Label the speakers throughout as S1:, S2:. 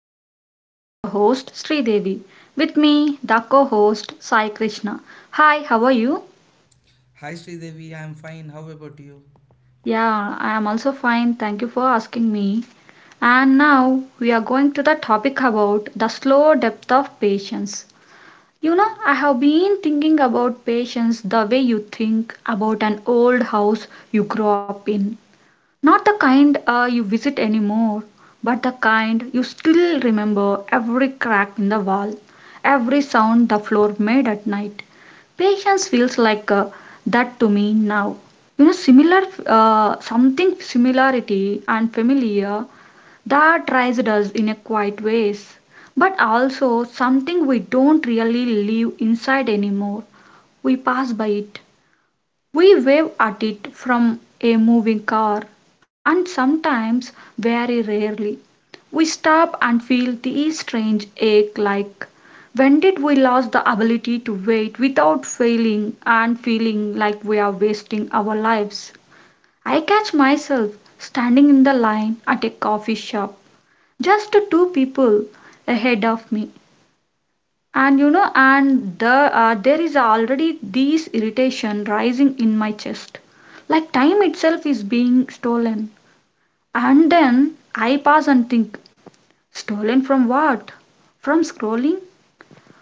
S1: podcast. I am your host Sri Devi. With me, the co-host Sai Krishna. Hi, how are you?
S2: Hi Sridevi, I'm fine. How about you?
S1: Yeah, I am also fine. Thank you for asking me. And now we are going to the topic about the slow depth of patience. You know, I have been thinking about patience the way you think about an old house you grew up in. Not the kind you visit anymore, but the kind you still remember every crack in the wall, every sound the floor made at night. Patience feels like that to me now. You know, similar, something similarity and familiar that raised us in a quiet ways, but also something we don't really live inside anymore. We pass by it, we wave at it from a moving car, and sometimes, very rarely, we stop and feel the strange ache like, when did we lose the ability to wait without failing and feeling like we are wasting our lives? I catch myself standing in the line at a coffee shop, just two people ahead of me, and you know and the there is already this irritation rising in my chest, like time itself is being stolen. And then I pause and think, stolen from what? From scrolling,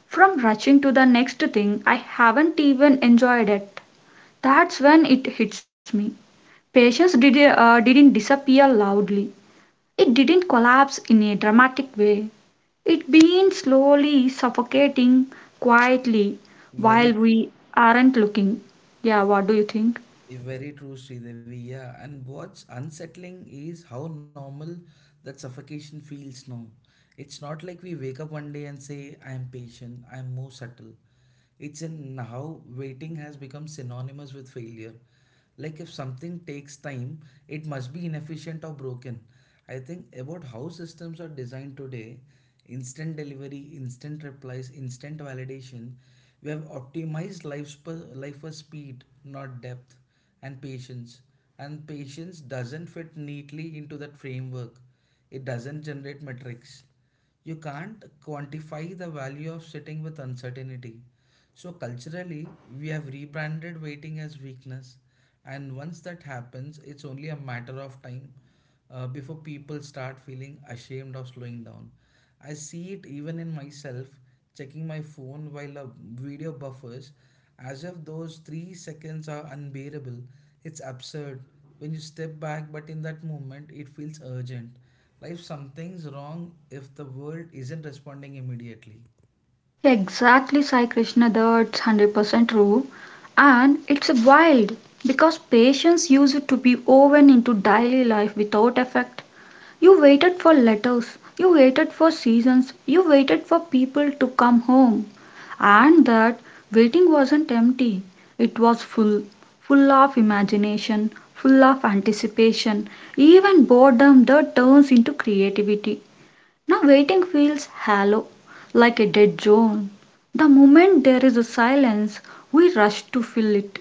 S1: from rushing to the next thing I haven't even enjoyed it. That's when it hits me. Patience didn't disappear loudly. It didn't collapse in a dramatic way. It been slowly suffocating, quietly, while
S2: Very true.
S1: we aren't looking. Yeah, what do you think?
S2: Very true, Sridevi. Yeah, and what's unsettling is how normal that suffocation feels now. It's not like we wake up one day and say, I am patient, I am more subtle. It's in how waiting has become synonymous with failure. Like if something takes time, it must be inefficient or broken. I think about how systems are designed today: instant delivery, instant replies, instant validation. We have optimized life, life for speed, not depth and patience. And patience doesn't fit neatly into that framework. It doesn't generate metrics. You can't quantify the value of sitting with uncertainty. So, culturally, we have rebranded waiting as weakness. And once that happens, it's only a matter of time before people start feeling ashamed of slowing down. I see it even in myself, checking my phone while a video buffers, as if those 3 seconds are unbearable. It's absurd when you step back, but in that moment, it feels urgent. Like something's wrong if the world isn't responding immediately.
S1: Exactly, Sai Krishna, that's 100% true. And it's wild because patients use it to be woven into daily life without effect. You waited for letters, you waited for seasons, you waited for people to come home. And that waiting wasn't empty, it was full, full of imagination, full of anticipation, even boredom that turns into creativity. Now, waiting feels hollow, like a dead zone. The moment there is a silence, we rush to fill it.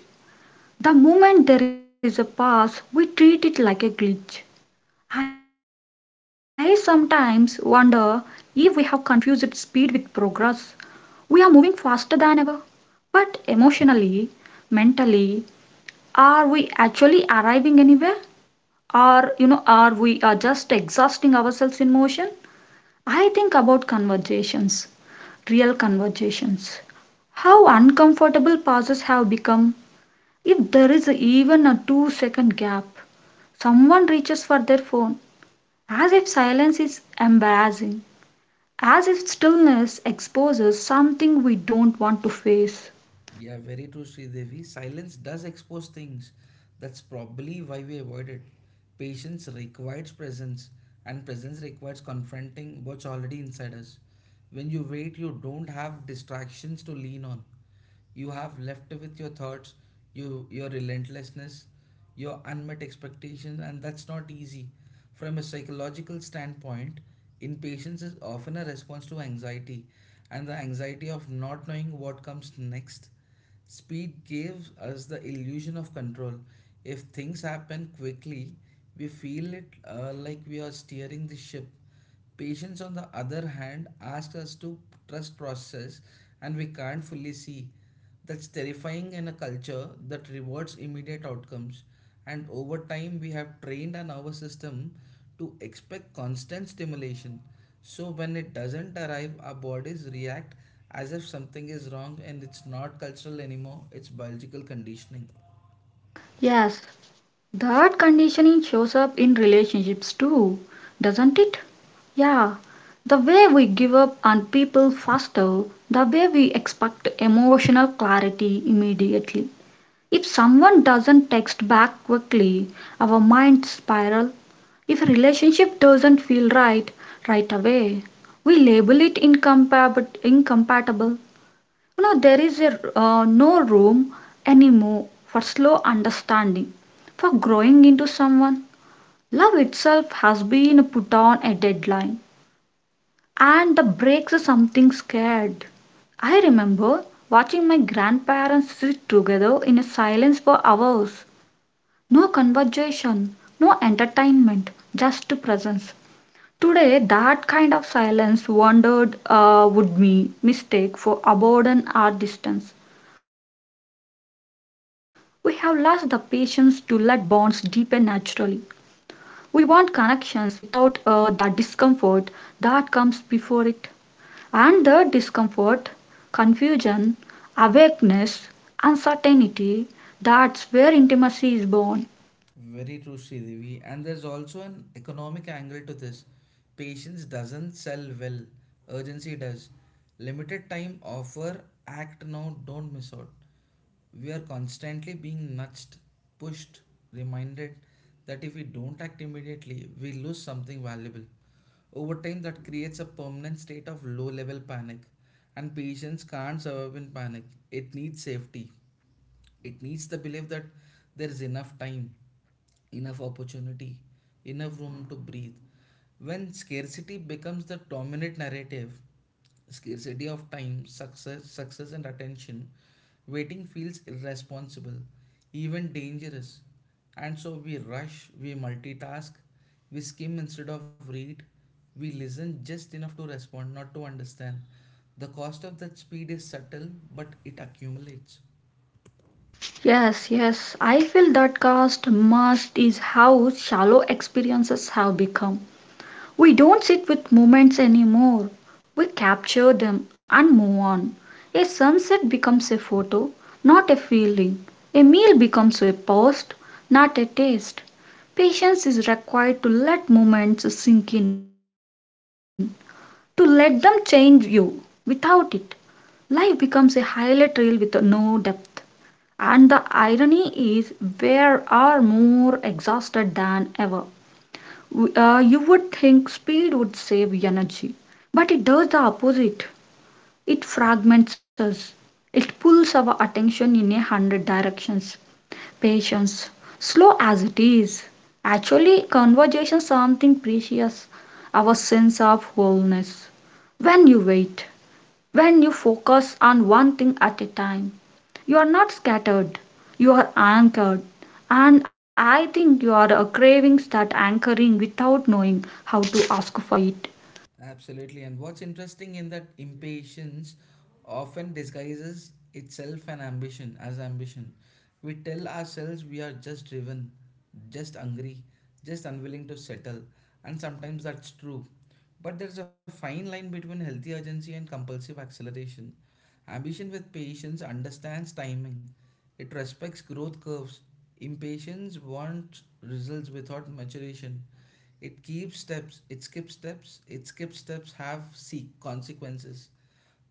S1: The moment there is a pause, we treat it like a glitch. I sometimes wonder if we have confused speed with progress. We are moving faster than ever, but emotionally, mentally, are we actually arriving anywhere? Or, you know, are we are just exhausting ourselves in motion? I think about conversations, real conversations. How uncomfortable pauses have become if there is even a 2 second gap. Someone reaches for their phone as if silence is embarrassing, as if stillness exposes something we don't want to face.
S2: Yeah, very true, Sridevi. Silence does expose things. That's probably why we avoid it. Patience requires presence, and presence requires confronting what's already inside us. When you wait, you don't have distractions to lean on. You have left with your thoughts, you your relentlessness, your unmet expectations, and that's not easy. From a psychological standpoint, impatience is often a response to anxiety and the anxiety of not knowing what comes next. Speed gives us the illusion of control. If things happen quickly, we feel it, like we are steering the ship. Patience, on the other hand, asks us to trust process and we can't fully see. That's terrifying in a culture that rewards immediate outcomes. And over time, we have trained our nervous system to expect constant stimulation. So when it doesn't arrive, our bodies react as if something is wrong, and it's not cultural anymore, it's biological conditioning.
S1: Yes, that conditioning shows up in relationships too, doesn't it? Yeah, the way we give up on people faster, the way we expect emotional clarity immediately. If someone doesn't text back quickly, our minds spiral. If a relationship doesn't feel right right away, we label it incompatible. You know, there is a, no room anymore for slow understanding, for growing into someone. Love itself has been put on a deadline, and the breaks are something scared. I remember watching my grandparents sit together in a silence for hours. No conversation, no entertainment, just presence. Today, that kind of silence wondered would be mistake for abandon or distance. We have lost the patience to let bonds deepen naturally. We want connections without the discomfort that comes before it. And the discomfort, confusion, awakeness, uncertainty, that's where intimacy is born.
S2: Very true, Sridevi. And there's also an economic angle to this. Patience doesn't sell well, urgency does. Limited time offer, act now, don't miss out. We are constantly being nudged, pushed, reminded that if we don't act immediately, we lose something valuable. Over time, that creates a permanent state of low level panic, and patience can't survive in panic. It needs safety. It needs the belief that there is enough time, enough opportunity, enough room to breathe. When scarcity becomes the dominant narrative, scarcity of time, success, success and attention, waiting feels irresponsible, even dangerous. And so we rush, we multitask, we skim instead of read, we listen just enough to respond, not to understand. The cost of that speed is subtle, but it accumulates.
S1: Yes, yes. I feel that caste must is how shallow experiences have become. We don't sit with moments anymore. We capture them and move on. A sunset becomes a photo, not a feeling. A meal becomes a post, not a taste. Patience is required to let moments sink in, to let them change you. Without it, life becomes a highlight reel with no depth. And the irony is, we are more exhausted than ever. You would think speed would save energy, but it does the opposite. It fragments us, it pulls our attention in a hundred directions. Patience, slow as it is, actually conversation something precious, our sense of wholeness. When you wait, when you focus on one thing at a time, you are not scattered, you are anchored. And I think you are craving that anchoring without knowing how to ask for it.
S2: Absolutely. And what's interesting in that impatience often disguises itself an ambition as ambition. We tell ourselves we are just driven, just hungry, just unwilling to settle, and sometimes that's true. But there's a fine line between healthy urgency and compulsive acceleration. Ambition with patience understands timing. It respects growth curves. Impatience wants results without maturation. It keeps steps, it skips steps, it skips steps have see consequences.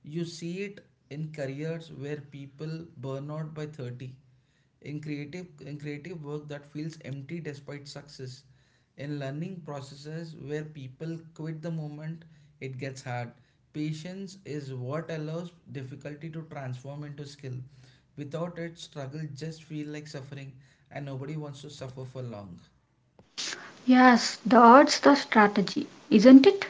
S2: You see it in careers where people burn out by 30, in creative work that feels empty despite success, in learning processes where people quit the moment it gets hard. Patience is what allows difficulty to transform into skill. Without it, struggle just feel like suffering and nobody wants to suffer for long.
S1: Yes, that's the strategy, isn't it?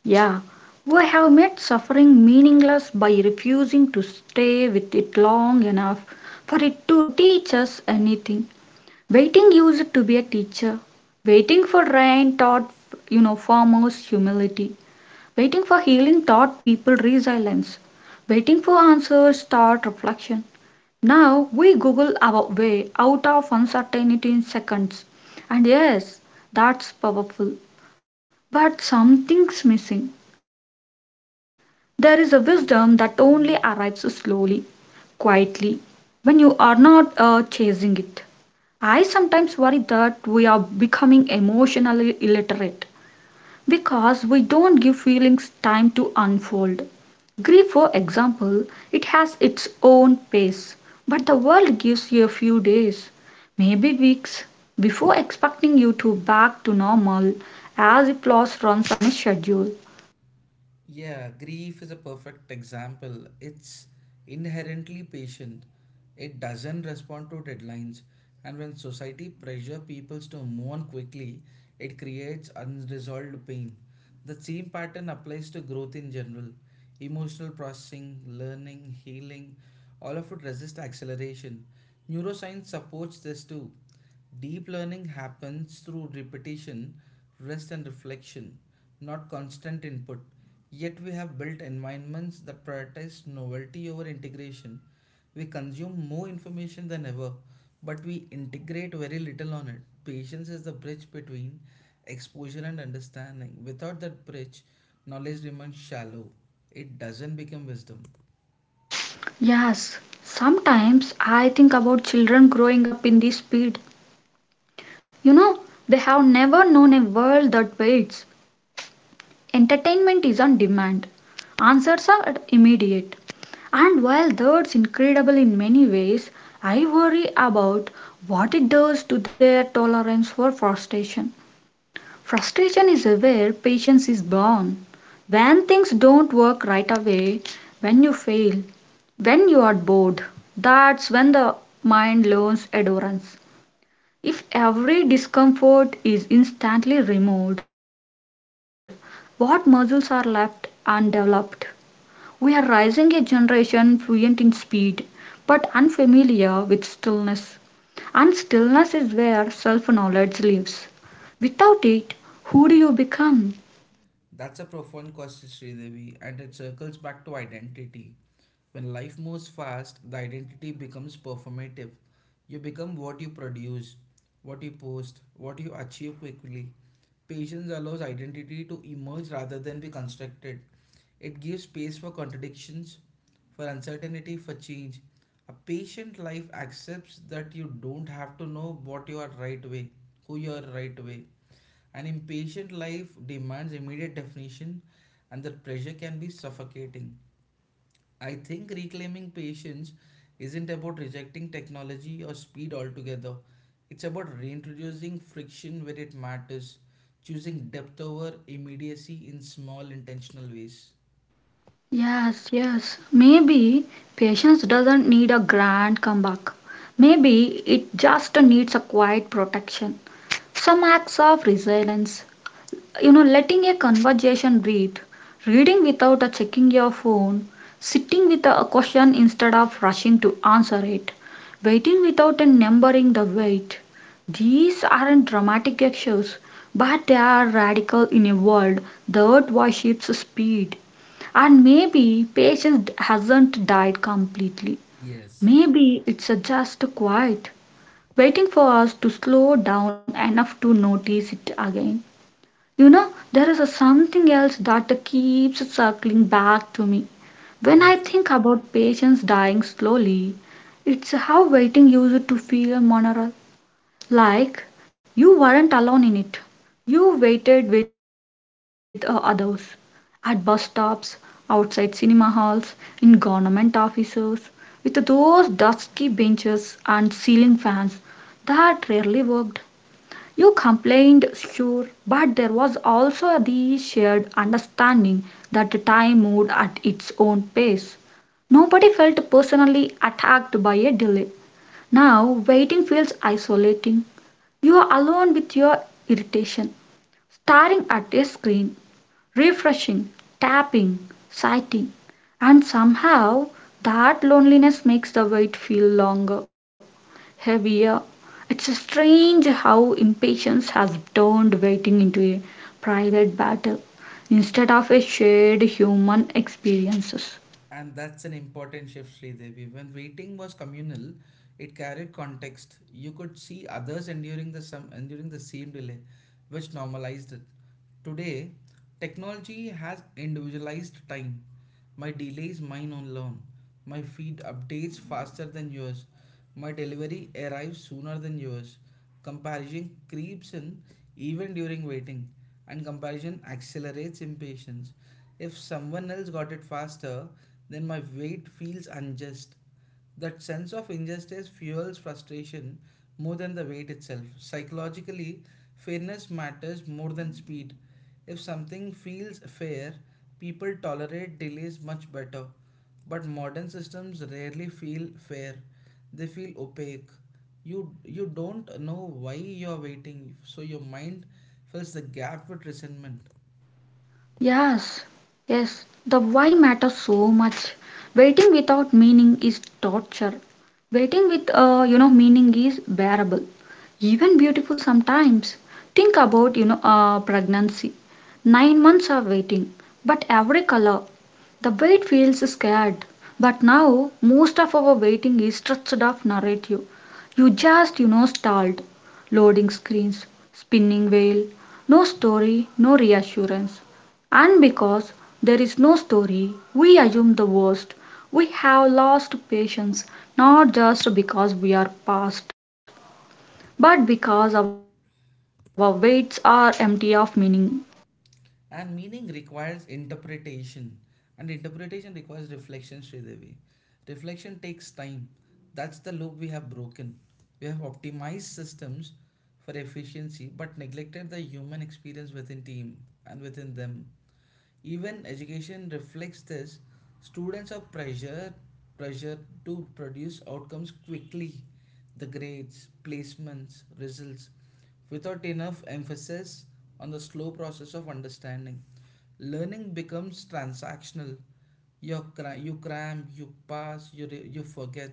S1: Yeah, we have made suffering meaningless by refusing to stay with it long enough for it to teach us anything. Waiting used to be a teacher. Waiting for rain taught, you know, farmers humility. Waiting for healing taught people resilience. Waiting for answers taught reflection. Now we Google our way out of uncertainty in seconds. And yes, that's powerful. But something's missing. There is a wisdom that only arrives slowly, quietly, when you are not chasing it. I sometimes worry that we are becoming emotionally illiterate because we don't give feelings time to unfold. Grief, for example, it has its own pace, but the world gives you a few days, maybe weeks, before expecting you to back to normal as if loss runs on a schedule.
S2: Yeah, grief is a perfect example. It's inherently patient. It doesn't respond to deadlines. And when society pressure people to move on quickly, it creates unresolved pain. The same pattern applies to growth in general. Emotional processing, learning, healing, all of it resist acceleration. Neuroscience supports this too. Deep learning happens through repetition, rest, and reflection, not constant input. Yet, we have built environments that prioritize novelty over integration. We consume more information than ever, but we integrate very little on it. Patience is the bridge between exposure and understanding. Without that bridge, knowledge remains shallow, it doesn't become wisdom.
S1: Yes, sometimes I think about children growing up in this speed. You know, they have never known a world that waits. Entertainment is on demand. Answers are immediate. And while that's incredible in many ways, I worry about what it does to their tolerance for frustration. Frustration is where patience is born. When things don't work right away, when you fail, when you are bored, that's when the mind learns endurance. If every discomfort is instantly removed, what muscles are left undeveloped? We are raising a generation fluent in speed, but unfamiliar with stillness. And stillness is where self knowledge lives. Without it, who do you become?
S2: That's a profound question, Sridevi, and it circles back to identity. When life moves fast, the identity becomes performative. You become what you produce, what you post, what you achieve quickly. Patience allows identity to emerge rather than be constructed. It gives space for contradictions, for uncertainty, for change. A patient life accepts that you don't have to know what you are right way, who you are right way. An impatient life demands immediate definition, and the pressure can be suffocating. I think reclaiming patience isn't about rejecting technology or speed altogether, it's about reintroducing friction where it matters, choosing depth over immediacy in small, intentional ways.
S1: Yes, yes. Maybe patience doesn't need a grand comeback. Maybe it just needs a quiet protection. Some acts of resilience, you know, letting a conversation breathe, reading without checking your phone, sitting with a question instead of rushing to answer it, waiting without numbering the wait. These aren't dramatic actions, but they are radical in a world that worships speed. And maybe patience hasn't died completely,
S2: Yes,
S1: maybe it's just quiet, waiting for us to slow down enough to notice it again. You know, there is a something else that keeps circling back to me. When
S2: yeah,
S1: I think about patients dying slowly, it's how waiting used to feel moral. Like you weren't alone in it. You waited with others. At bus stops, outside cinema halls, in government offices, with those dusky benches and ceiling fans that rarely worked. You complained, sure, but there was also the shared understanding that time moved at its own pace. Nobody felt personally attacked by a delay. Now, waiting feels isolating. You are alone with your irritation, staring at a screen, refreshing, tapping, sighting, and somehow that loneliness makes the wait feel longer, heavier. It's strange how impatience has turned waiting into a private battle instead of a shared human experience.
S2: and that's an important shift, Sridevi. When waiting was communal, it carried context. You could see others enduring the some enduring the same delay, which normalized it. Today, technology has individualized time. My delay is mine alone. My feed updates faster than yours. My delivery arrives sooner than yours. Comparison creeps in even during waiting, and comparison accelerates impatience. If someone else got it faster, then my wait feels unjust. That sense of injustice fuels frustration more than the wait itself. Psychologically, fairness matters more than speed. If something feels fair, people tolerate delays much better. But modern systems rarely feel fair. They feel opaque. You don't know why you're waiting, so your mind fills the gap with resentment.
S1: Yes, yes, the why matters so much. Waiting without meaning is torture. Waiting with, you know, meaning is bearable, even beautiful sometimes. Think about, you know, pregnancy. 9 months of waiting, but every color. The wait feels scared. But now, most of our waiting is stretched of narrative. You just, you know, stalled. Loading screens, spinning wheel, no story, no reassurance. And because there is no story, we assume the worst. We have lost patience not just because we are past, but because our weights are empty of meaning.
S2: And meaning requires interpretation. And interpretation requires reflection, Sridevi. Reflection takes time. That's the loop we have broken. We have optimized systems for efficiency but neglected the human experience within team and within them. Even education reflects this. Students are pressured pressure to produce outcomes quickly, the grades, placements, results, without enough emphasis on the slow process of understanding. Learning becomes transactional: you, you cram, you pass, you forget.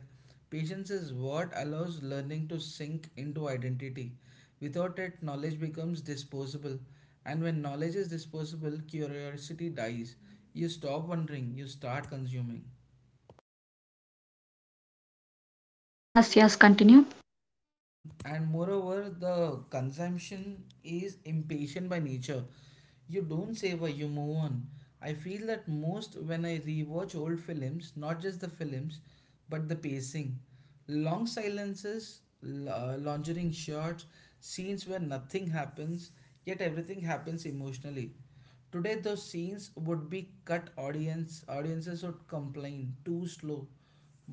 S2: Patience is what allows learning to sink into identity. Without it, knowledge becomes disposable. And when knowledge is disposable, curiosity dies. You stop wondering, you start consuming.
S1: Yes, yes, continue.
S2: And moreover, the consumption is impatient by nature. You don't savor, you move on. I feel that most when I rewatch old films, not just the films, but the pacing. Long silences, lingering shots, scenes where nothing happens, yet everything happens emotionally. Today, those scenes would be cut. Audiences would complain too slow,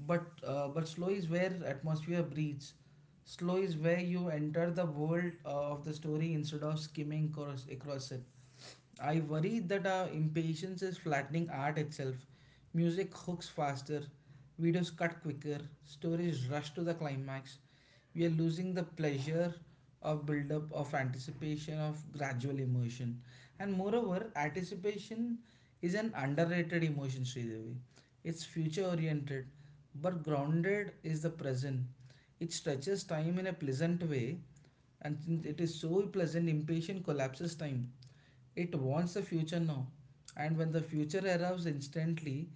S2: but slow is where atmosphere breathes. Slow is where you enter the world of the story instead of skimming across it. I worry that our impatience is flattening art itself. Music hooks faster, videos cut quicker, stories rush to the climax. We are losing the pleasure of build up, of anticipation, of gradual immersion. And moreover, anticipation is an underrated emotion, Sridevi. It's future oriented, but grounded is the present. It stretches time in a pleasant way, and since it is so pleasant, impatient collapses time. It wants the future now. And when the future arrives instantly,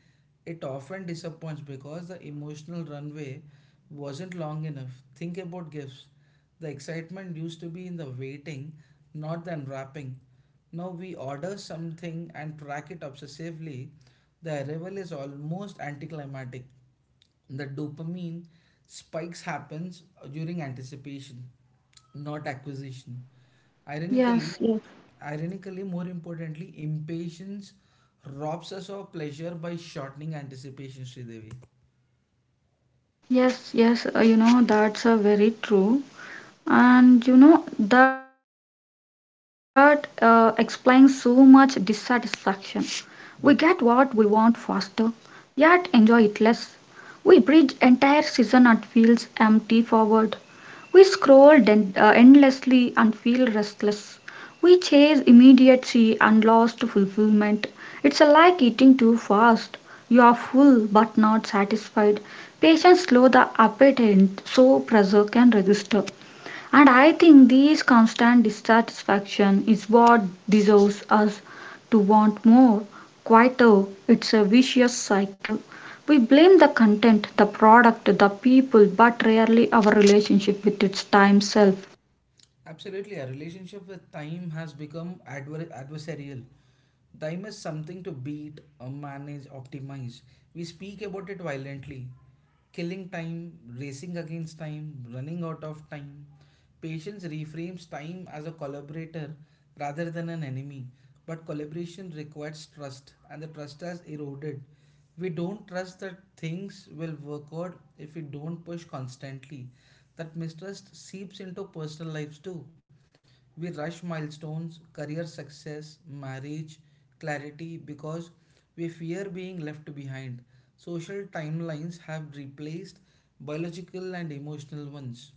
S2: it often disappoints because the emotional runway wasn't long enough. Think about gifts. The excitement used to be in the waiting, not the unwrapping. Now we order something and track it obsessively. The arrival is almost anticlimactic. The dopamine spikes happens during anticipation, not acquisition, ironically.
S1: Yes, yes,
S2: More importantly, impatience robs us of pleasure by shortening anticipation, Sridevi.
S1: yes, you know, that's very true. And you know that explains so much dissatisfaction. We get what we want
S2: Yes.
S1: faster yet enjoy it less. We bridge entire season and feels empty forward. We scroll endlessly and feel restless. We chase immediacy and lost fulfillment. It's a like eating too fast. You are full but not satisfied. Patience slow the appetite so pressure can register. And I think this constant dissatisfaction is what deserves us to want more, quieter. It's a vicious cycle. We blame the content, the product, the people, but rarely our relationship with its time self.
S2: Absolutely, our relationship with time has become adversarial. Time is something to beat, manage, optimize. We speak about it violently. Killing time, racing against time, running out of time. Patience reframes time as a collaborator rather than an enemy. But collaboration requires trust, and the trust has eroded. We don't trust that things will work out if we don't push constantly. That mistrust seeps into personal lives too. We rush milestones, career success, marriage, clarity because we fear being left behind. Social timelines have replaced biological and emotional ones.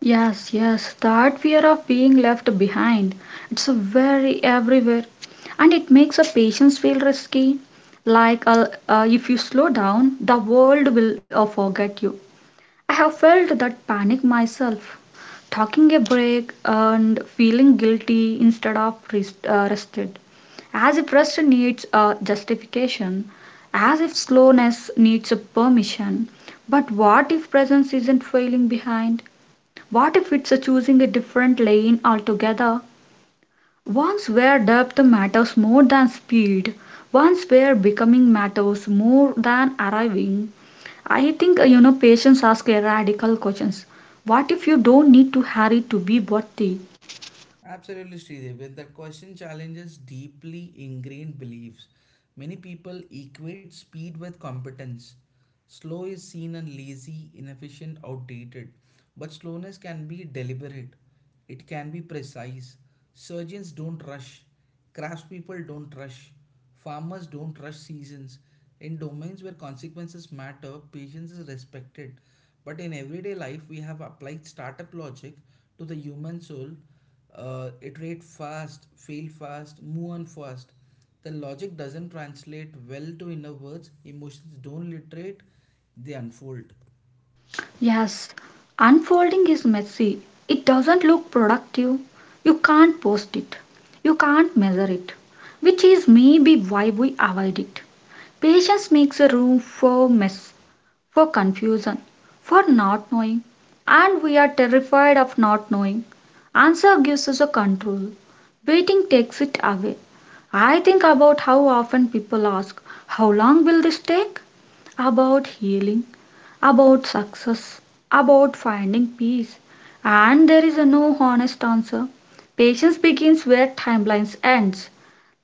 S1: Yes, yes, that fear of being left behind. It's a very everywhere. And it makes a patience feel risky. Like if you slow down, the world will forget you. I have felt that panic myself, talking a break and feeling guilty instead of rested. As if rest needs a justification, as if slowness needs a permission. But what if presence isn't failing behind? What if it's a choosing a different lane altogether? Once where depth matters more than speed, once where becoming matters more than arriving, I think you know patients ask a radical questions. What if you don't need to hurry to be worthy?
S2: Absolutely, Sridevi. And that question challenges deeply ingrained beliefs. Many people equate speed with competence. Slow is seen as lazy, inefficient, outdated. But slowness can be deliberate, it can be precise. Surgeons don't rush, craftspeople don't rush, farmers don't rush seasons. In domains where consequences matter, patience is respected. But in everyday life, we have applied startup logic to the human soul: iterate fast, fail fast, move on fast. The logic doesn't translate well to inner words, emotions don't literate, they unfold.
S1: Yes, unfolding is messy. It doesn't look productive. You can't post it. You can't measure it, which is maybe why we avoid it. Patience makes a room for mess, for confusion, for not knowing, and we are terrified of not knowing. Answer gives us a control. Waiting takes it away. I think about how often people ask, how long will this take? About healing, about success, about finding peace, and there is a no honest answer. Patience begins where timelines ends.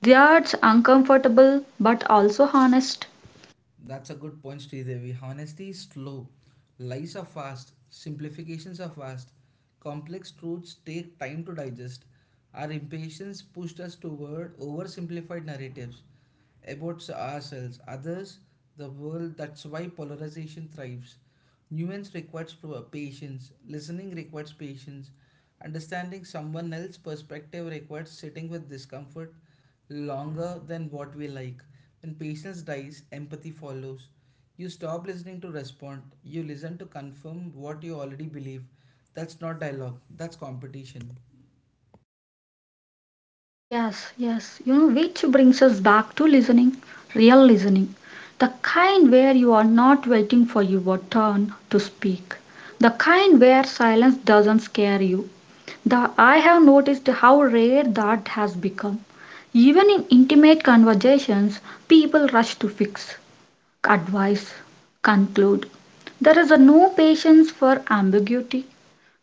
S1: That's uncomfortable but also honest.
S2: That's a good point, Sridevi. Honesty is slow. Lies are fast. Simplifications are fast. Complex truths take time to digest. Our impatience pushed us toward oversimplified narratives about ourselves, others, the world. That's why polarization thrives. Nuance requires patience. Listening requires patience. Understanding someone else's perspective requires sitting with discomfort longer than what we like. When patience dies, empathy follows. You stop listening to respond, you listen to confirm what you already believe. That's not dialogue, that's competition.
S1: Yes, yes, which brings us back to listening, real listening, the kind where you are not waiting for your turn to speak, the kind where silence doesn't scare you, I have noticed how rare that has become. Even in intimate conversations, people rush to fix, advise, conclude. There is a no patience for ambiguity,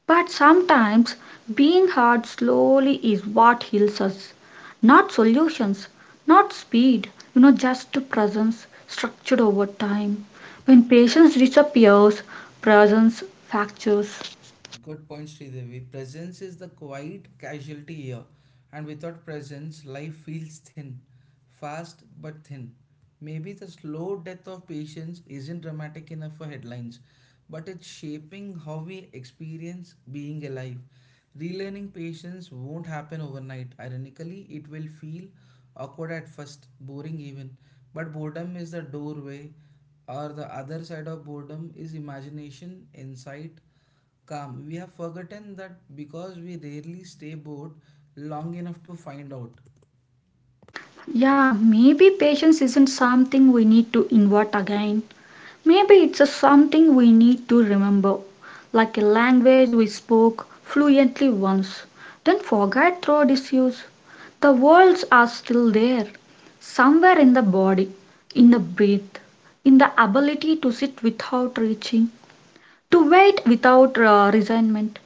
S1: but sometimes being hard slowly is what heals us. Not solutions, not speed, just presence structured over time. When patience disappears, presence fractures.
S2: Good point, Sridevi. Presence is the quiet casualty here, and without presence, life feels thin, fast but thin. Maybe the slow death of patience isn't dramatic enough for headlines, but it's shaping how we experience being alive. Relearning patience won't happen overnight. Ironically, it will feel awkward at first, boring even, but boredom is the doorway, or the other side of boredom is imagination, insight calm. We have forgotten that because we rarely stay bored long enough to find out.
S1: Yeah, maybe patience isn't something we need to invert again. Maybe it's a something we need to remember, like a language we spoke fluently once, then forgot through disuse. The words are still there, somewhere in the body, in the breath, in the ability to sit without reaching, to wait without resentment,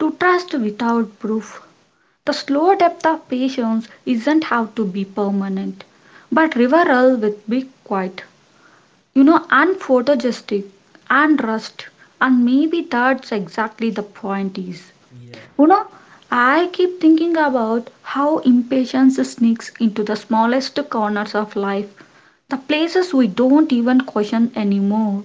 S1: to trust without proof. The slow depth of patience isn't have to be permanent, but reveral with be quiet, and photogenic and rust, and maybe that's exactly the point is.
S2: Yeah.
S1: You know, I keep thinking about how impatience sneaks into the smallest corners of life, the places we don't even question anymore.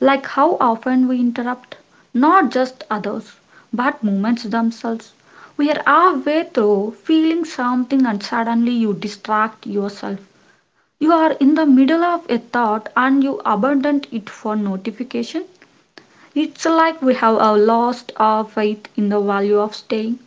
S1: Like how often we interrupt not just others, but moments themselves. We are halfway through feeling something and suddenly you distract yourself. You are in the middle of a thought and you abandon it for notification. It's like we have a lost our faith in the value of staying.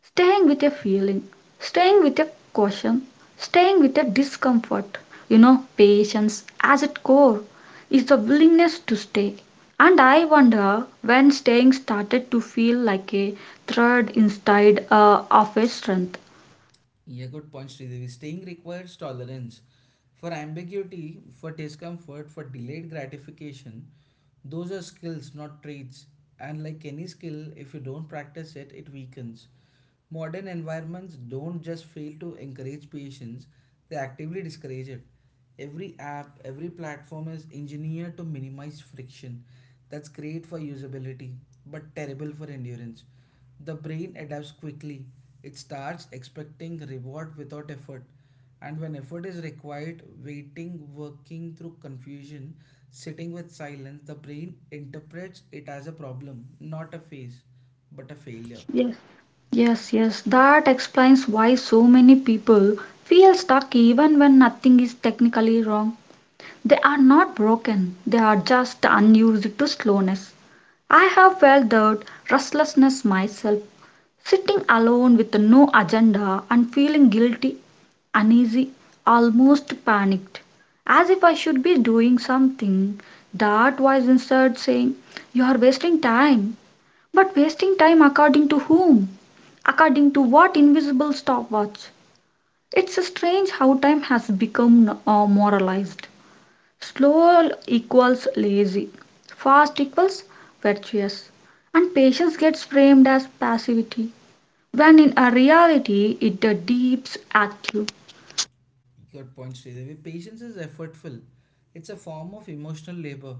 S1: Staying with a feeling, staying with a caution, staying with a discomfort. You know, patience, as its core, is the willingness to stay. And I wonder when staying started to feel like a thread instead of a strength.
S2: Yeah, good point, Sridevi. Staying requires tolerance for ambiguity, for discomfort, for delayed gratification. Those are skills, not traits. And like any skill, if you don't practice it, it weakens. Modern environments don't just fail to encourage patience, they actively discourage it. Every app, every platform is engineered to minimize friction. That's great for usability, but terrible for endurance. The brain adapts quickly. It starts expecting reward without effort. And when effort is required, waiting, working through confusion, sitting with silence, the brain interprets it as a problem, not a phase, but a failure.
S1: Yes, yes, yes. That explains why so many people feel stuck even when nothing is technically wrong. They are not broken, they are just unused to slowness. I have felt that restlessness myself, sitting alone with no agenda and feeling guilty, uneasy, almost panicked, as if I should be doing something that was instead saying, you are wasting time. But wasting time according to whom? According to what invisible stopwatch? It's strange how time has become moralized. Slow equals lazy, fast equals virtuous, and patience gets framed as passivity when in a reality it deeps active
S2: Good point, Sridevi. Patience is effortful. It's a form of emotional labor.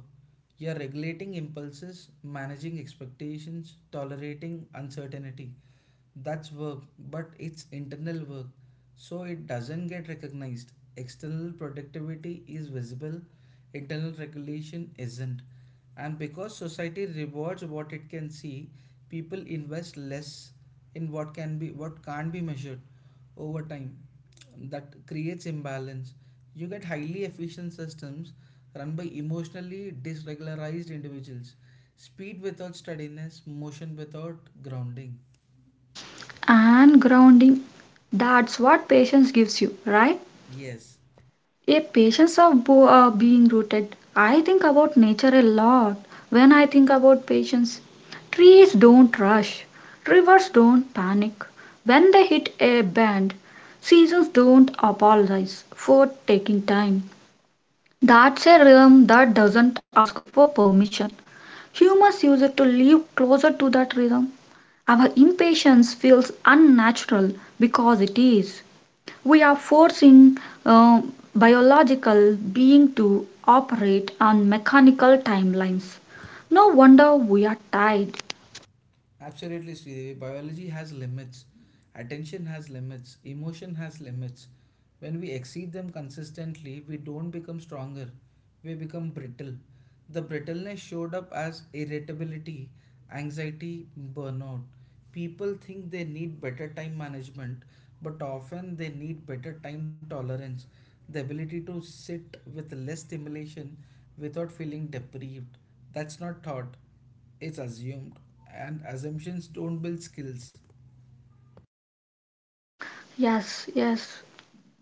S2: You're regulating impulses, managing expectations, tolerating uncertainty. That's work, but it's internal work, so it doesn't get recognized. External productivity is visible, internal regulation isn't. And because society rewards what it can see, people invest less in what can't be measured over time that creates imbalance. You get highly efficient systems run by emotionally dysregularized individuals. Speed without steadiness, motion without grounding.
S1: and grounding. That's what patience gives you, right?
S2: Yes,
S1: A patience of being rooted. I think about nature a lot when I think about patience. Trees don't rush, rivers don't panic. When they hit a bend, seasons don't apologize for taking time. That's a rhythm that doesn't ask for permission. Humans use it to live closer to that rhythm. Our impatience feels unnatural because it is. We are forcing a biological being to operate on mechanical timelines. No wonder we are tired.
S2: absolutely, Sridevi. Biology has limits. Attention has limits. Emotion has limits. When we exceed them consistently, we don't become stronger. We become brittle. The brittleness showed up as irritability, anxiety, burnout. People think they need better time management, but often they need better time tolerance, the ability to sit with less stimulation without feeling deprived. That's not thought, it's assumed, and assumptions don't build skills.
S1: Yes, yes,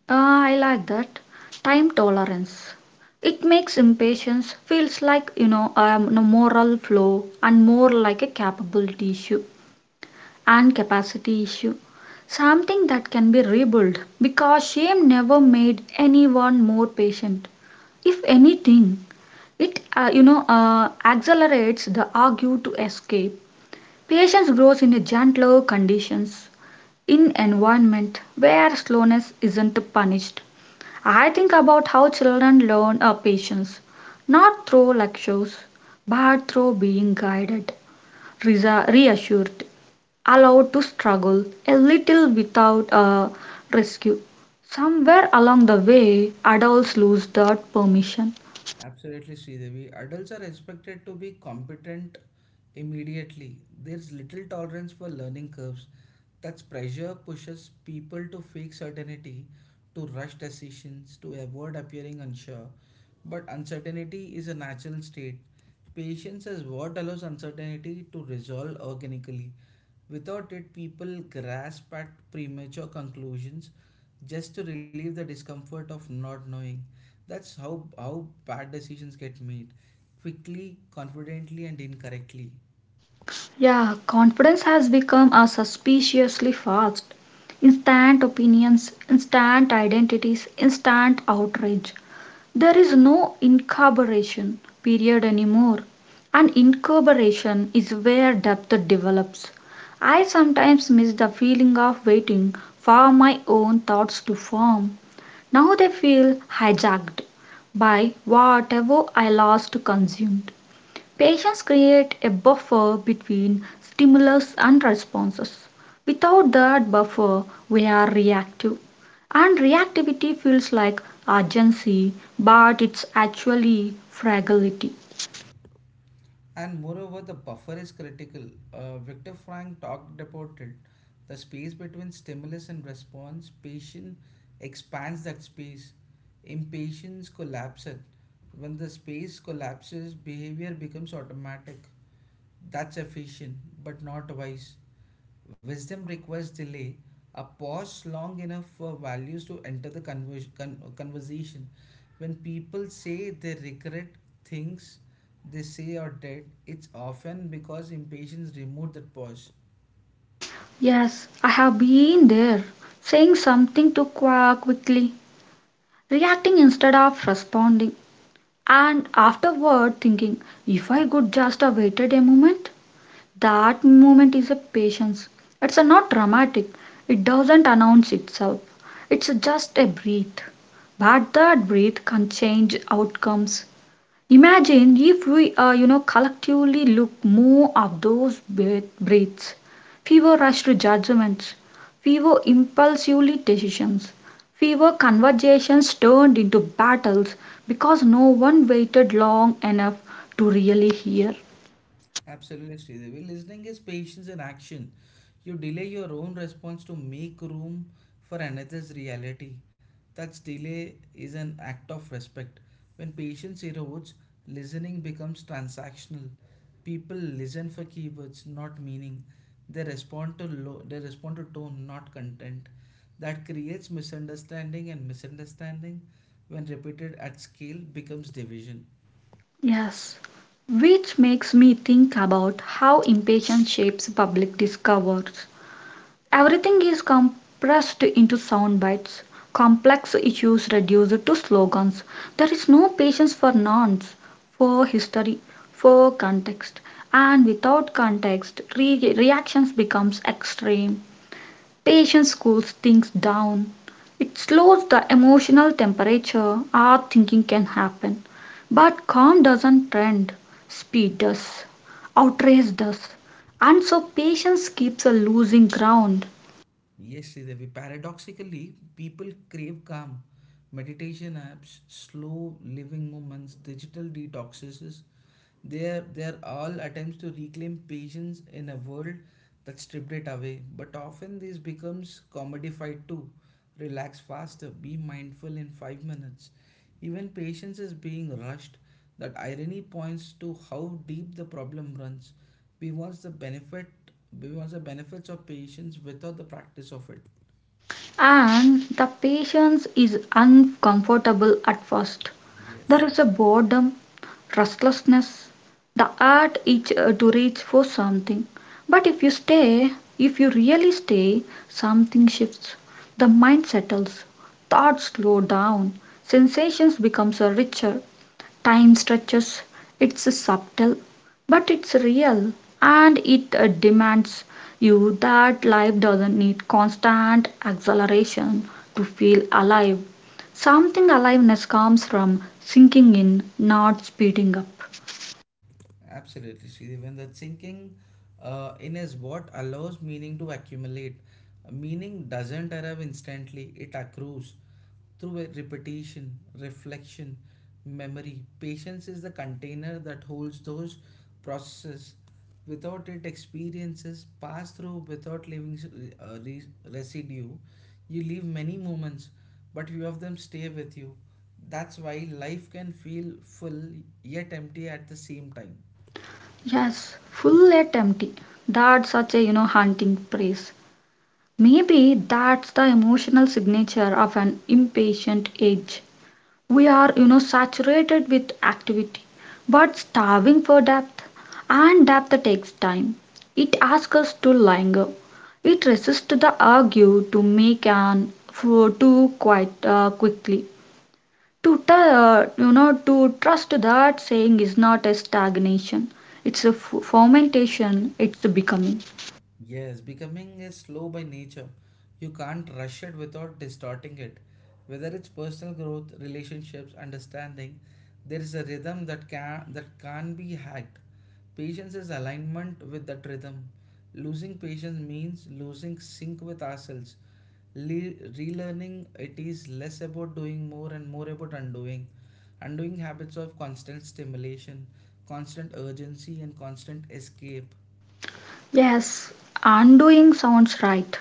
S1: I like that. Time tolerance. It makes impatience feels like a moral flaw and more like a capability issue and capacity issue. Something that can be rebuilt because shame never made anyone more patient. If anything, it accelerates the urge to escape. Patience grows in a gentler conditions, in environment where slowness isn't punished. I think about how children learn patience, not through lectures, but through being guided, reassured, allowed to struggle a little without rescue. Somewhere along the way, adults lose that permission.
S2: Absolutely, Sridevi. Adults are expected to be competent immediately. There's little tolerance for learning curves. That pressure pushes people to fake certainty, to rush decisions, to avoid appearing unsure. But uncertainty is a natural state. Patience is what allows uncertainty to resolve organically. Without it, people grasp at premature conclusions just to relieve the discomfort of not knowing. That's how bad decisions get made quickly, confidently, and incorrectly.
S1: Yeah, confidence has become a suspiciously fast. Instant opinions, instant identities, instant outrage. There is no incorporation period anymore. And incorporation is where depth develops. I sometimes miss the feeling of waiting for my own thoughts to form. Now they feel hijacked by whatever I last consumed. Patients create a buffer between stimulus and responses. Without that buffer, we are reactive. And reactivity feels like urgency, but it's actually fragility.
S2: And moreover, the buffer is critical. Viktor Frank talked about it. The space between stimulus and response, patience expands that space. Impatience collapses. When the space collapses, behavior becomes automatic. That's efficient, but not wise. Wisdom requires delay, a pause long enough for values to enter the conversation. When people say they regret things they say or did, it's often because impatience removed that pause.
S1: Yes, I have been there, saying something too quickly, reacting instead of responding, and afterward thinking, if I could just have waited a moment, that moment is a patience. It's a not dramatic. It doesn't announce itself. It's just a breath. But that breath can change outcomes. Imagine if we collectively look more of those breaths, fewer rushed judgments, fewer impulsively decisions, fewer conversations turned into battles because no one waited long enough to really hear.
S2: Absolutely, Sridevi. Listening is patience in action. You delay your own response to make room for another's reality. Such delay is an act of respect. When patience erodes, listening becomes transactional. People listen for keywords, not meaning. They respond to tone, not content. That creates misunderstanding, and misunderstanding, when repeated at scale, becomes division.
S1: Yes, which makes me think about how impatience shapes public discourse. Everything is compressed into sound bites, complex issues reduced to slogans. There is no patience for nonce, for history, for context, and without context, reactions becomes extreme. Patience cools things down. It slows the emotional temperature. Our thinking can happen. But calm doesn't trend. Speed does. Outrage does. And so patience keeps a losing ground.
S2: Yes, Sridevi. Paradoxically, people crave calm. Meditation apps, slow living moments, digital detoxes they are all attempts to reclaim patience in a world that stripped it away. But often this becomes commodified too. Relax faster, be mindful in 5 minutes. Even patience is being rushed. That irony points to how deep the problem runs. We want the benefit we want the benefits of patience without the practice of it.
S1: And the patience is uncomfortable at first. There
S2: Yes.
S1: is a boredom, restlessness. The art is to reach for something. But if you stay, if you really stay, something shifts. The mind settles, thoughts slow down, sensations becomes richer, time stretches. It's subtle, but it's real, and it demands you that life doesn't need constant acceleration to feel alive. Something aliveness comes from sinking in, not speeding up.
S2: Absolutely, Sridevi. And that sinking in is what allows meaning to accumulate. Meaning doesn't arrive instantly, it accrues through a repetition, reflection, memory. Patience is the container that holds those processes. Without it, experiences pass through without leaving uh, re- residue. You leave many moments, but few of them stay with you. That's why life can feel full yet empty at the same time.
S1: Yes, full yet empty. That's such a haunting praise. Maybe that's the emotional signature of an impatient age. We are, saturated with activity, but starving for depth. And depth takes time. It asks us to linger. It resists the urge to make an for too quite quickly. To t- you know, to trust that saying is not a stagnation. It's a fermentation. It's a becoming.
S2: Yes, becoming is slow by nature. You can't rush it without distorting it. Whether it's personal growth, relationships, understanding, there is a rhythm that can't be hacked. Patience is alignment with that rhythm. Losing patience means losing sync with ourselves. Relearning it is less about doing more and more about undoing. Undoing habits of constant stimulation, constant urgency, and constant escape.
S1: Yes, undoing sounds right.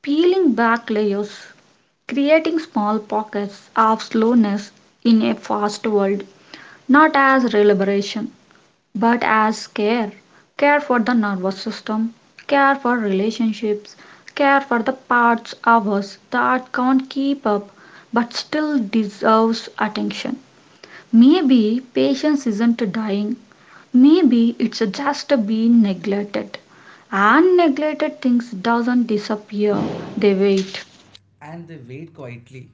S1: Peeling back layers, creating small pockets of slowness in a fast world, not as deliberation, but as care. Care for the nervous system, care for relationships, care for the parts of us that can't keep up but still deserves attention. Maybe patience isn't dying, maybe it's just being neglected and neglected things doesn't disappear, they wait.
S2: And they wait quietly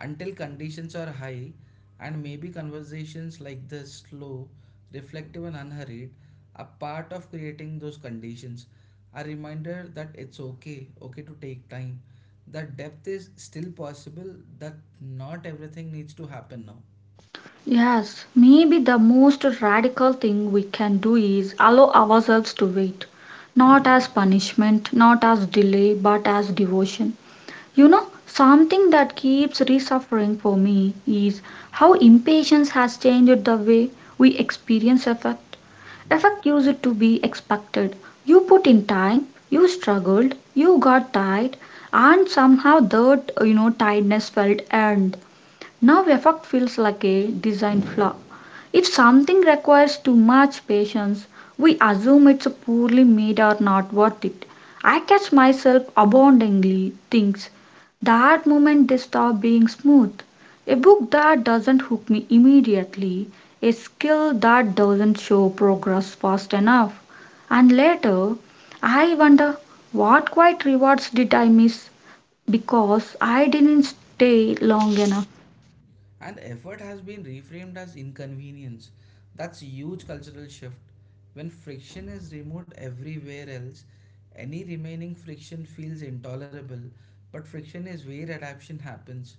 S2: until conditions are high, and maybe conversations like this, slow, reflective, and unhurried, are part of creating those conditions, a reminder that it's okay to take time, that depth is still possible, that not everything needs to happen now.
S1: Yes, maybe the most radical thing we can do is allow ourselves to wait. Not as punishment, not as delay, but as devotion. You know, something that keeps resuffering for me is how impatience has changed the way we experience effect.
S2: Yes.
S1: Effect used to be expected. You put in time, you struggled, you got tired, and somehow that tiredness felt earned. Now effect feels like a design flaw. If something requires too much patience, we assume it's poorly made or not worth it. I catch myself aboundingly thinks that moment they stop being smooth. A book that doesn't hook me immediately, a skill that doesn't show progress fast enough. And later, I wonder what quiet rewards did I miss because I didn't stay long enough.
S2: And effort has been reframed as inconvenience. That's a huge cultural shift. When friction is removed everywhere else, any remaining friction feels intolerable. But friction is where adaptation happens.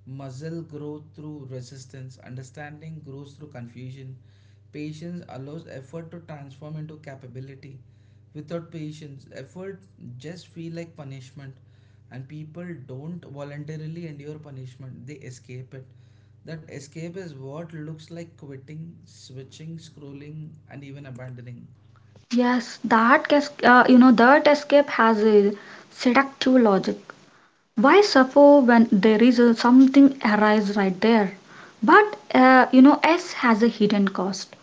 S2: Muscle grows through resistance, understanding grows through confusion. Patience allows effort to transform into capability. Without patience, effort just feel like punishment, and people don't voluntarily endure punishment, they escape it. That escape is what looks like quitting, switching, scrolling, and even abandoning.
S1: Yes, that that escape has a seductive logic. Why suffer when there is a something arise right there? But S has a hidden cost.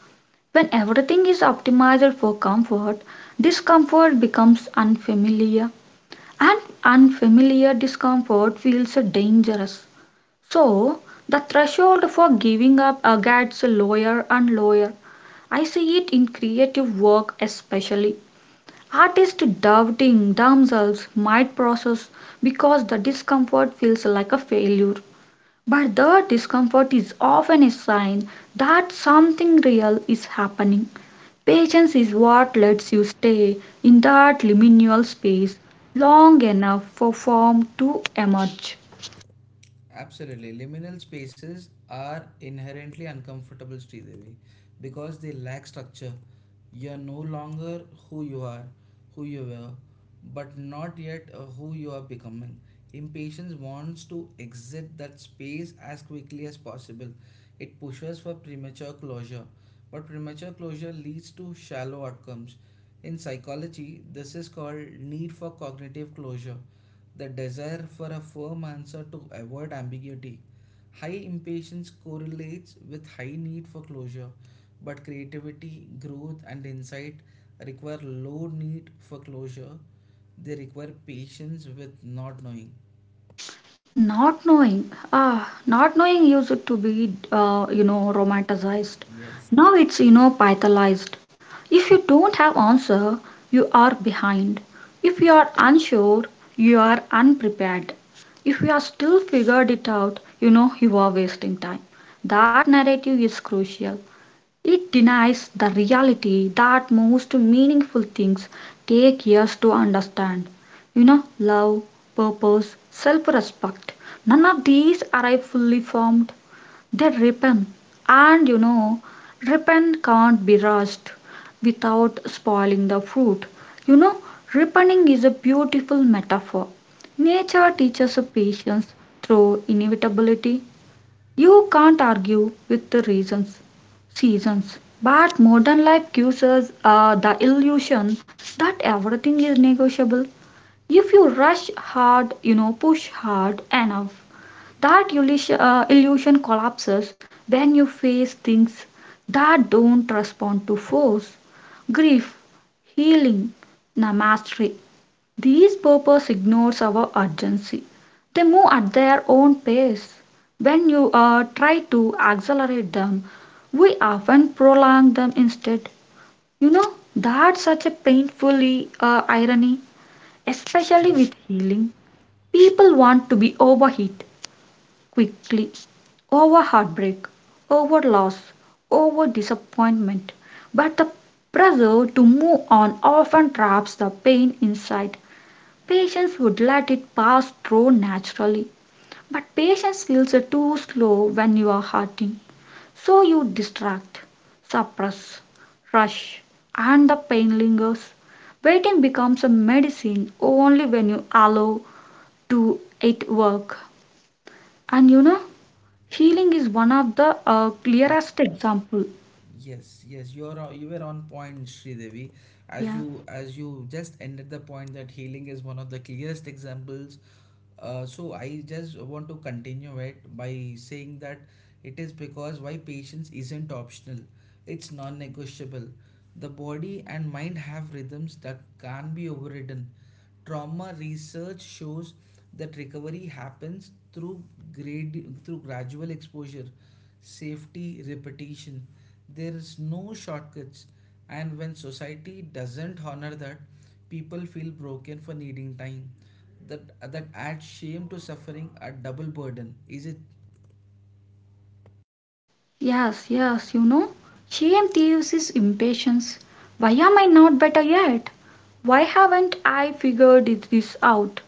S1: When everything is optimized for comfort, discomfort becomes unfamiliar, and unfamiliar discomfort feels dangerous. So the threshold for giving up gets lower and lower. I see it in creative work especially. Artists doubting themselves might process because the discomfort feels like a failure. But the discomfort is often a sign that something real is happening. Patience is what lets you stay in that liminal space long enough for form to emerge.
S2: Absolutely. Liminal spaces are inherently uncomfortable, Sridevi, because they lack structure. You're no longer who you are, who you were, but not yet who you are becoming. Impatience wants to exit that space as quickly as possible. It pushes for premature closure, but premature closure leads to shallow outcomes. In psychology, this is called need for cognitive closure, the desire for a firm answer to avoid ambiguity. High impatience correlates with high need for closure, but creativity, growth, and insight require low need for closure. They require patience with not knowing.
S1: Not knowing, ah, not knowing used to be, romanticized.
S2: Yes,
S1: Now it's, pathologized. If you don't have answer, you are behind. If you are unsure, you are unprepared. If you are still figured it out, you are wasting time. That narrative is crucial. It denies the reality that most meaningful things take years to understand. You know, love, purpose, self respect. None of these arrive fully formed. They ripen. And ripen can't be rushed without spoiling the fruit. You know, ripening is a beautiful metaphor. Nature teaches patience through inevitability. You can't argue with the reasons, seasons, but modern life gives us the illusion that everything is negotiable. If you rush hard, push hard enough, that illusion collapses when you face things that don't respond to force, grief, healing, na mastery. These purpose ignores our urgency. They move at their own pace. When you try to accelerate them, we often prolong them instead. You know, that's such a painfully irony, especially
S2: yes,
S1: with healing. People want to be overheat quickly, over heartbreak, over loss, over disappointment. But the pressure to move on often traps the pain inside. Patients would let it pass through naturally. But patience feels too slow when you are hurting. So you distract, suppress, rush, and the pain lingers. Waiting becomes a medicine only when you allow to it work. And healing is one of the clearest example.
S2: yes, you are you were on point, Sridevi. As
S1: Yeah.
S2: you as you just ended the point that healing is one of the clearest examples. So I just want to continue it by saying that it is because why patience isn't optional. It's non-negotiable. The body and mind have rhythms that can't be overridden. Trauma research shows that recovery happens through grade through gradual exposure, safety, repetition. There is no shortcuts, and when society doesn't honor that, people feel broken for needing time. That adds shame to suffering, a double burden. Is it?
S1: Yes, yes, shame thieves is impatience. Why am I not better yet? Why haven't I this out?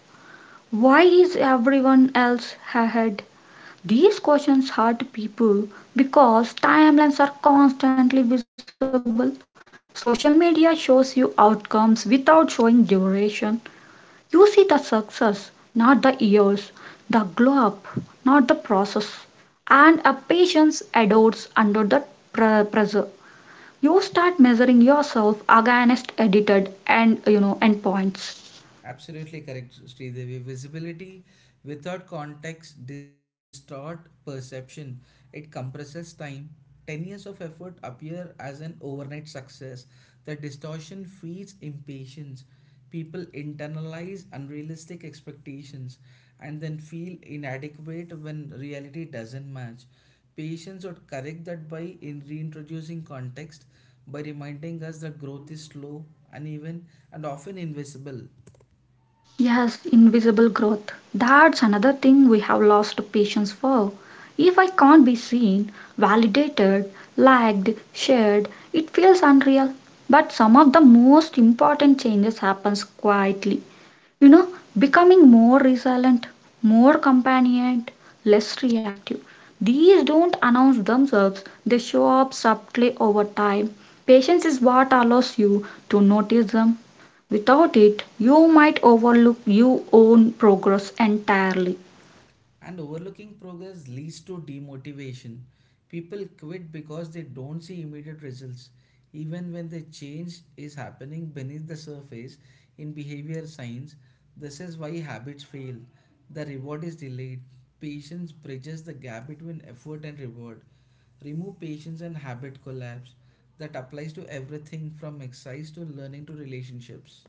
S1: Why is everyone else ahead? These questions hurt people because timelines are constantly visible. Social media shows you outcomes without showing duration. You see the success, not the years, the glow up, not the process. And a patience adores under the pressure. You start measuring yourself against edited and endpoints.
S2: Absolutely correct, Sridevi. Visibility without context distort perception. It compresses time. 10 years of effort appear as an overnight success. The distortion feeds impatience. People internalize unrealistic expectations and then feel inadequate when reality doesn't match. Patients would correct that by in reintroducing context, by reminding us that growth is slow, uneven, and often invisible.
S1: Yes, invisible growth. That's another thing we have lost patience for. If I can't be seen, validated, liked, shared, it feels unreal. But some of the most important changes happens quietly, you know becoming more resilient, more companionate, less reactive, these don't announce themselves, they show up subtly over time. Patience is what allows you to notice them. Without it, you might overlook your own progress entirely.
S2: And overlooking progress leads to demotivation. People quit because they don't see immediate results, even when the change is happening beneath the surface in behavior science. This is why habits fail. The reward is delayed. Patience bridges the gap between effort and reward. Remove patience and habit collapse. That applies to everything from exercise to learning to relationships.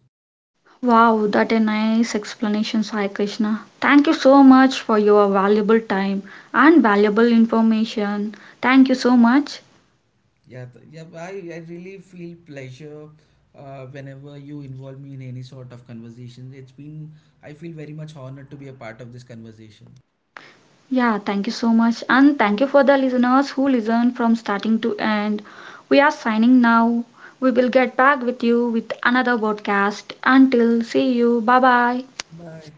S1: Wow, that a nice explanation, Sai Krishna. Thank you so much for your valuable time and valuable information. Thank you so much.
S2: Yeah, I really feel pleasure whenever you involve me in any sort of conversation. It's been, I feel very much honored to be a part of this conversation.
S1: Yeah, thank you so much. And thank you for the listeners who listen from starting to end. We are signing now. We will get back with you with another podcast. Until see you. Bye bye.
S2: Bye.